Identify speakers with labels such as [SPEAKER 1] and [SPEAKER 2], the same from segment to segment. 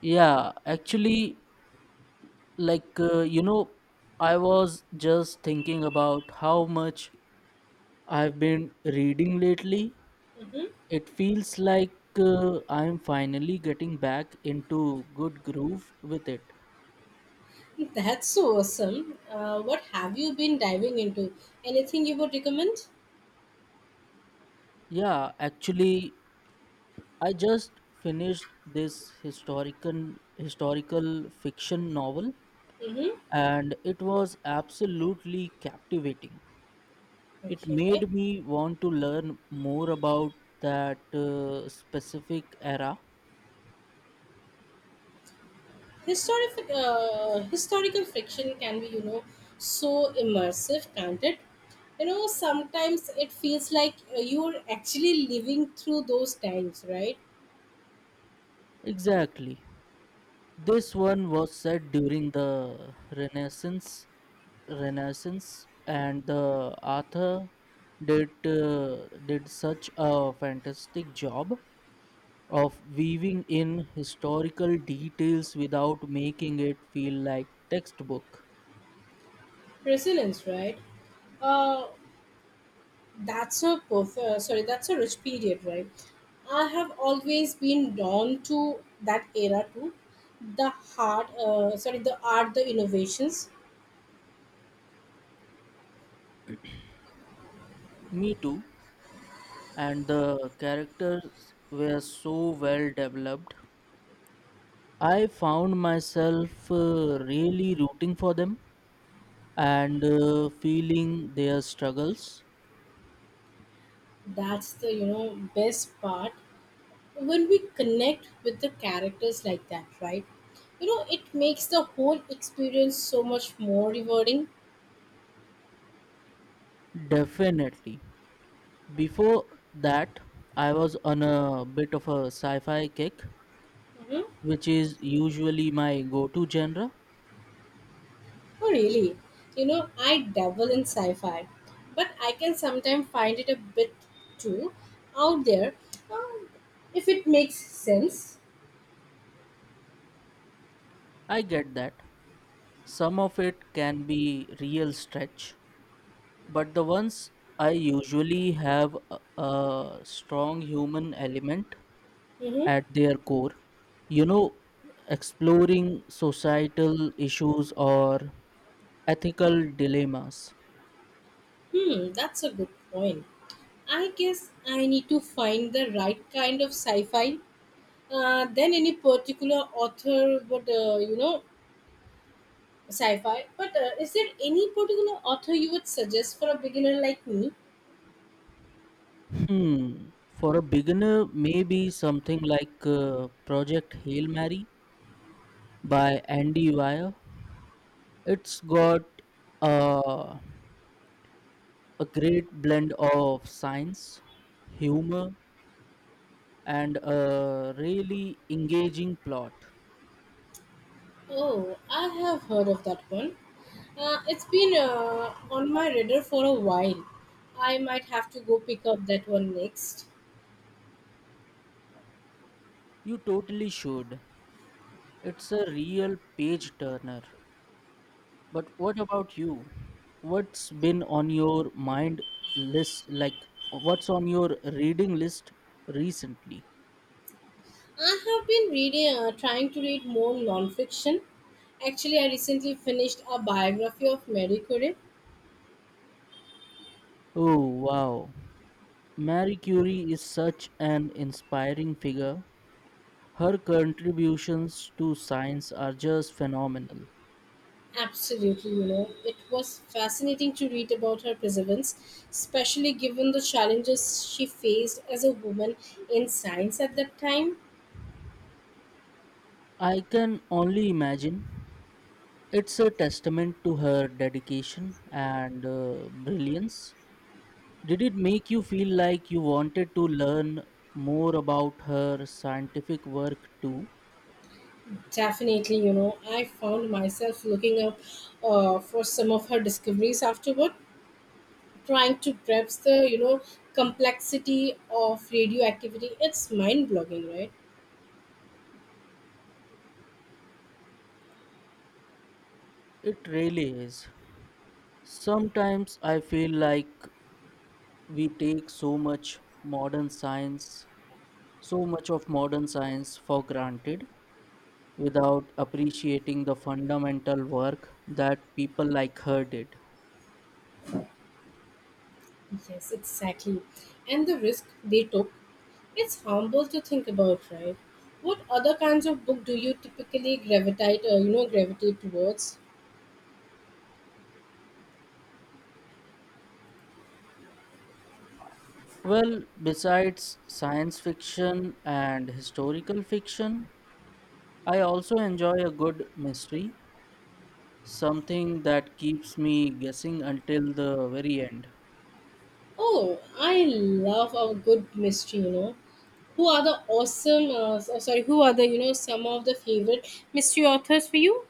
[SPEAKER 1] Yeah, actually, like, uh, you know, I was just thinking about how much I've been reading lately.
[SPEAKER 2] Mm.
[SPEAKER 1] It feels like I'm finally getting back into good groove with it.
[SPEAKER 2] That's so awesome. What have you been diving into? Anything you would recommend?
[SPEAKER 1] Yeah, actually, I just finished this historical fiction novel
[SPEAKER 2] Mm-hmm.
[SPEAKER 1] and it was absolutely captivating. It
[SPEAKER 2] Okay.
[SPEAKER 1] made me want to learn more about that specific era.
[SPEAKER 2] Historical fiction can be, you know, so immersive, can't it? You know, sometimes it feels like you're actually living through those times, right?
[SPEAKER 1] Exactly. This one was set during the Renaissance, and the author did such a fantastic job of weaving in historical details without making it feel like textbook.
[SPEAKER 2] Resonance, right? Uh, that's a rich period, right? I have always been drawn to that era too. The art, the innovations.
[SPEAKER 1] Me too. And the characters were so well developed. I found myself really rooting for them and feeling their struggles.
[SPEAKER 2] That's the best part when we connect with the characters like that, right? You know, it makes the whole experience so much more rewarding.
[SPEAKER 1] Definitely. Before that, I was on a bit of a sci fi kick,
[SPEAKER 2] Mhm.
[SPEAKER 1] which is usually my go to genre.
[SPEAKER 2] Oh, really? You know, I dabble in sci fi, but I can sometimes find it a bit too out there um, if it makes sense.
[SPEAKER 1] I get that. Some of it can be real stretch, but the ones I usually have a strong human element
[SPEAKER 2] Mm-hmm.
[SPEAKER 1] at their core, you know, exploring societal issues or ethical dilemmas.
[SPEAKER 2] Hmm, that's a good point. I guess I need to find the right kind of sci fi. Then any particular author would, you know, sci-fi. But is there any particular author you would suggest for a beginner like me?
[SPEAKER 1] hmm for a beginner, maybe something like Project Hail Mary by Andy Weir. It's got uh, a great blend of science, humor, and a really engaging plot.
[SPEAKER 2] Oh, I have heard of that one. It's been on my radar for a while. I might have to go pick up that one next.
[SPEAKER 1] You totally should. It's a real page turner. But what about you? What's been on your mind list? Like, what's on your reading list recently?
[SPEAKER 2] I have trying to read more nonfiction. Actually, I recently finished a biography of Mary Curie.
[SPEAKER 1] Oh, wow. Marie Curie is such an inspiring figure. Her contributions to science are just phenomenal.
[SPEAKER 2] Absolutely, you know, it was fascinating to read about her perseverance, especially given the challenges she faced as a woman in science at that time.
[SPEAKER 1] I can only imagine. It's a testament to her dedication and brilliance. Did it make you feel like you wanted to learn more about her scientific work too?
[SPEAKER 2] Definitely, you know, I found myself looking up for some of her discoveries afterward, trying to grasp the, you know, complexity of radioactivity. It's mind-blowing, right?
[SPEAKER 1] It really is. Sometimes I feel like we take so much modern science, so much of modern science for granted without appreciating the fundamental work that people like her did.
[SPEAKER 2] Yes, exactly. And the risk they took, it's harmful to think about, right? What other kinds of book do you typically gravitate towards?
[SPEAKER 1] Well, besides science fiction and historical fiction, I also enjoy a good mystery, something that keeps me guessing until the very end.
[SPEAKER 2] Oh, I love a good mystery, you know. Who are the awesome, so- sorry, who are the, you know, some of the favorite mystery authors for you?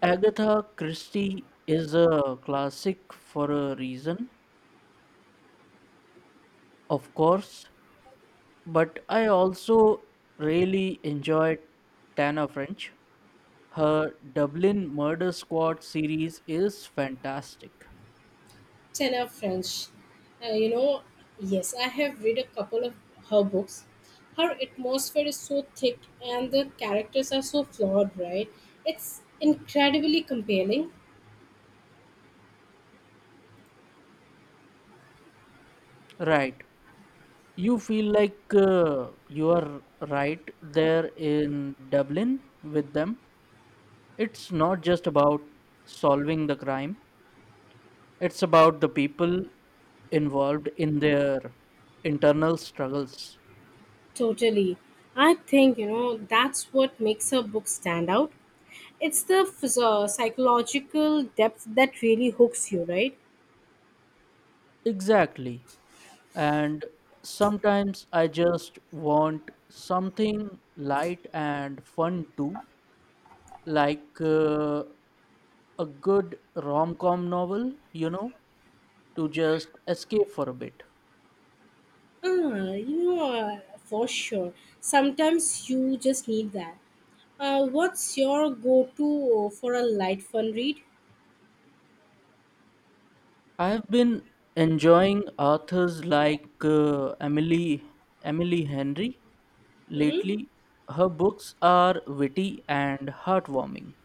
[SPEAKER 1] Agatha Christie is a classic for a reason, of course, but I also really enjoy Tana French. Her Dublin Murder Squad series is fantastic.
[SPEAKER 2] Tana French. You know, yes, I have read a couple of her books. Her atmosphere is so thick and the characters are so flawed, right? It's incredibly compelling.
[SPEAKER 1] Right. You feel like you are right there in Dublin with them. It's not just about solving the crime, it's about the people involved in their internal struggles.
[SPEAKER 2] Totally. I think, you know, that's what makes her book stand out. It's the psychological depth that really hooks you, right?
[SPEAKER 1] Exactly. And sometimes I just want something light and fun too, like a good rom com novel, you know, to just escape for a bit.
[SPEAKER 2] Ah, for sure. Sometimes you just need that. What's your go-to for a light fun read?
[SPEAKER 1] I've been enjoying authors like Emily Henry
[SPEAKER 2] Mm-hmm.
[SPEAKER 1] lately. Her books are witty and heartwarming,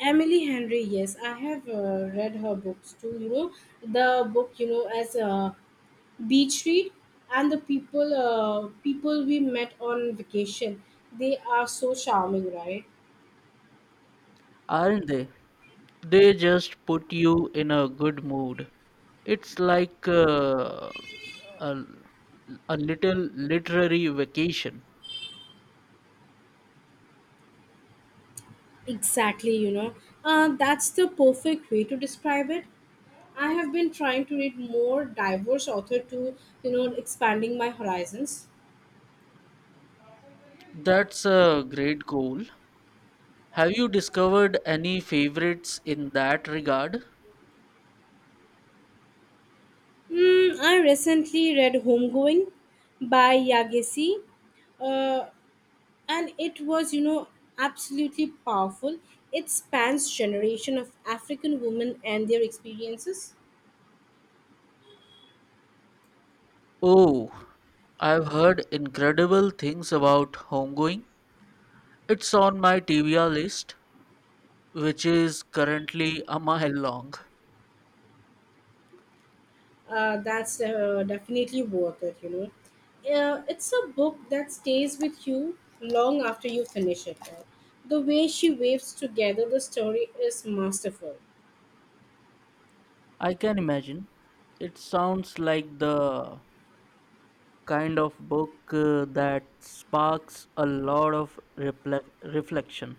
[SPEAKER 2] Emily Henry, yes, I have read her books too. You know, the book, you know, as a beach read, and the people we met on vacation, they are so charming, right?
[SPEAKER 1] aren't they? They just put you in a good mood. It's like a, a little literary vacation.
[SPEAKER 2] Exactly, you know. That's the perfect way to describe it. I have been trying to read more diverse author to, you know, expanding my horizons.
[SPEAKER 1] That's a great goal. Have you discovered any favorites in that regard?
[SPEAKER 2] Mm, I recently read Homegoing by Yagesi, uh, and it was, you know, absolutely powerful. It spans generation of African women and their experiences.
[SPEAKER 1] Oh, I've heard incredible things about homegoing. It's on my TBR list, which is currently a mile long.
[SPEAKER 2] That's definitely worth it, you know. It's a book that stays with you long after you finish it. The way she waves together the story is masterful.
[SPEAKER 1] I can imagine. It sounds like the kind of book that sparks a lot of reflection.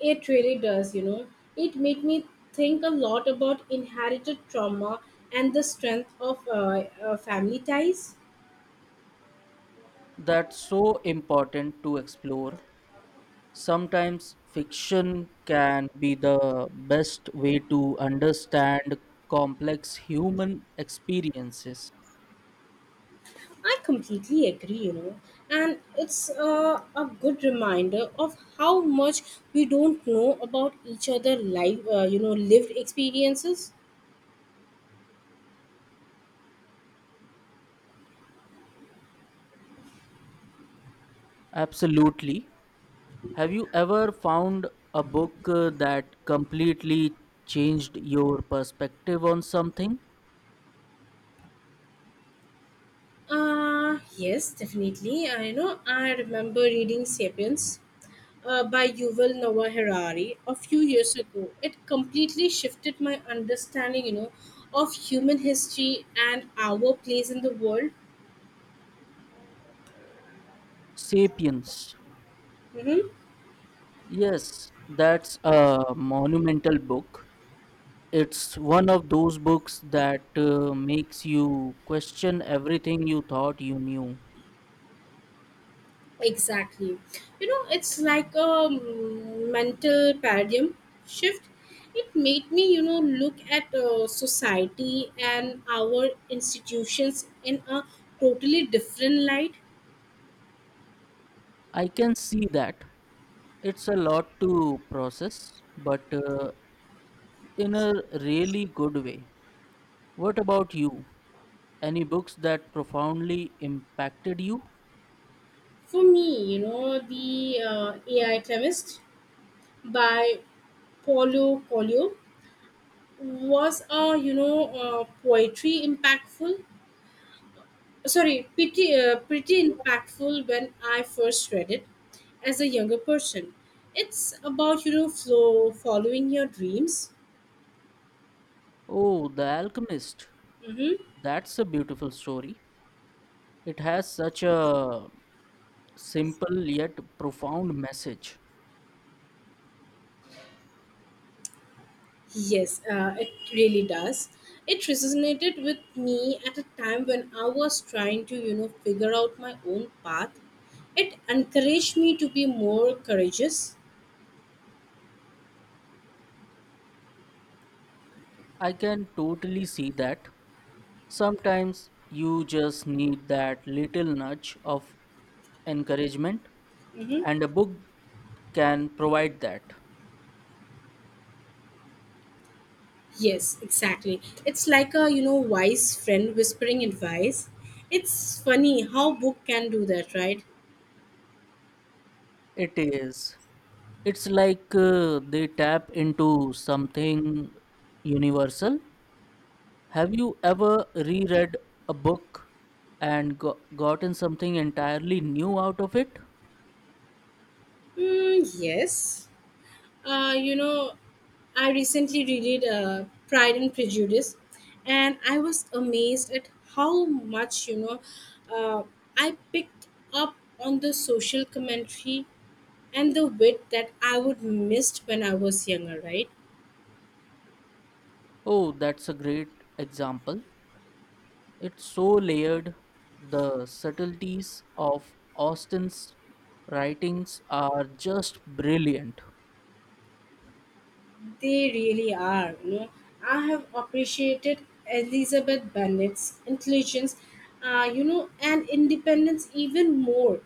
[SPEAKER 2] It really does, you know. It made me think a lot about inherited trauma and the strength of family ties.
[SPEAKER 1] That's so important to explore. Sometimes fiction can be the best way to understand complex human experiences.
[SPEAKER 2] I completely agree, you know, and it's a good reminder of how much we don't know about each other life, you know, lived experiences.
[SPEAKER 1] Absolutely. Have you ever found a book that completely changed your perspective on something?
[SPEAKER 2] Yes, definitely. I know. I remember reading *Sapiens* by Yuval Noah Harari a few years ago. It completely shifted my understanding, you know, of human history and our place in the world.
[SPEAKER 1] Sapiens.
[SPEAKER 2] Mm-hmm.
[SPEAKER 1] Yes, that's a monumental book. It's one of those books that makes you question everything you thought you knew.
[SPEAKER 2] Exactly. You know, it's like a mental paradigm shift. It made me, you know, look at society and our institutions in a totally different light.
[SPEAKER 1] I can see that. It's a lot to process, but in a really good way. What about you? Any books that profoundly impacted you?
[SPEAKER 2] For me, you know, the AI Chemist by Paulo Coelho was a, you know, poetry impactful sorry pretty pretty impactful when I first read it as a younger person. It's about, you know, flow following your dreams.
[SPEAKER 1] Oh, The Alchemist.
[SPEAKER 2] Hmm.
[SPEAKER 1] That's a beautiful story. It has such a simple yet profound message.
[SPEAKER 2] Yes, it really does. It resonated with me at a time when I was trying to, you know, figure out my own path. It encouraged me to be more courageous.
[SPEAKER 1] I can totally see that. Sometimes you just need that little nudge of encouragement,
[SPEAKER 2] Hmm.
[SPEAKER 1] and a book can provide that.
[SPEAKER 2] Yes, exactly. It's like a, you know, wise friend whispering advice. It's funny how book can do that, right?
[SPEAKER 1] It is. It's like they tap into something universal. Have you ever reread a book and gotten something entirely new out of it?
[SPEAKER 2] Mm, yes. Uh, you know, I recently read Pride and Prejudice, and I was amazed at how much, you know, uh, I picked up on the social commentary and the wit that I would missed when I was younger, right?
[SPEAKER 1] Oh, that's a great example. It's so layered. The subtleties of Austen's writings are just brilliant.
[SPEAKER 2] They really are, you know. I have appreciated Elizabeth Bennet's intelligence, and independence even more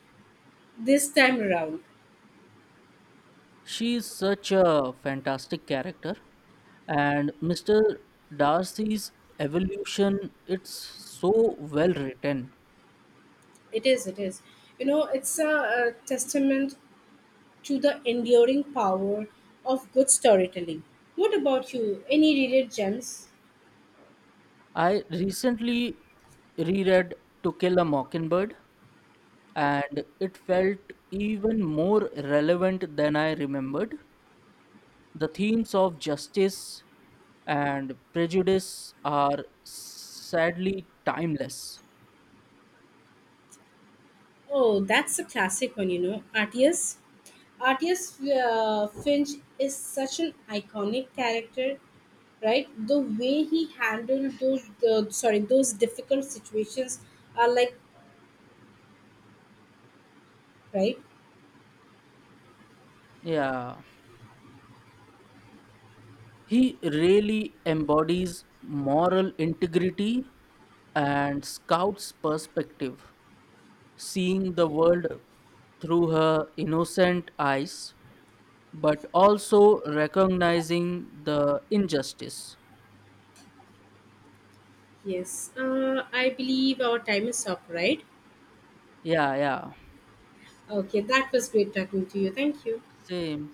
[SPEAKER 2] this time around.
[SPEAKER 1] She is such a fantastic character, and Mr. Darcy's evolution, it's so well written.
[SPEAKER 2] It is, it is. You know, it's a testament to the enduring power of good storytelling. What about you? Any reader gems?
[SPEAKER 1] I recently reread To Kill a Mockingbird and it felt even more relevant than I remembered. The themes of justice and prejudice are sadly timeless.
[SPEAKER 2] Oh, that's a classic one, you know. Artius Finch is such an iconic character, right? The way he handled those difficult situations are like, right?
[SPEAKER 1] Yeah, he really embodies moral integrity, and Scout's perspective, seeing the world through her innocent eyes, but also recognizing the injustice.
[SPEAKER 2] Yes. I believe our time is up, right?
[SPEAKER 1] Yeah, yeah,
[SPEAKER 2] Okay, that was great talking to you. Thank you.
[SPEAKER 1] same.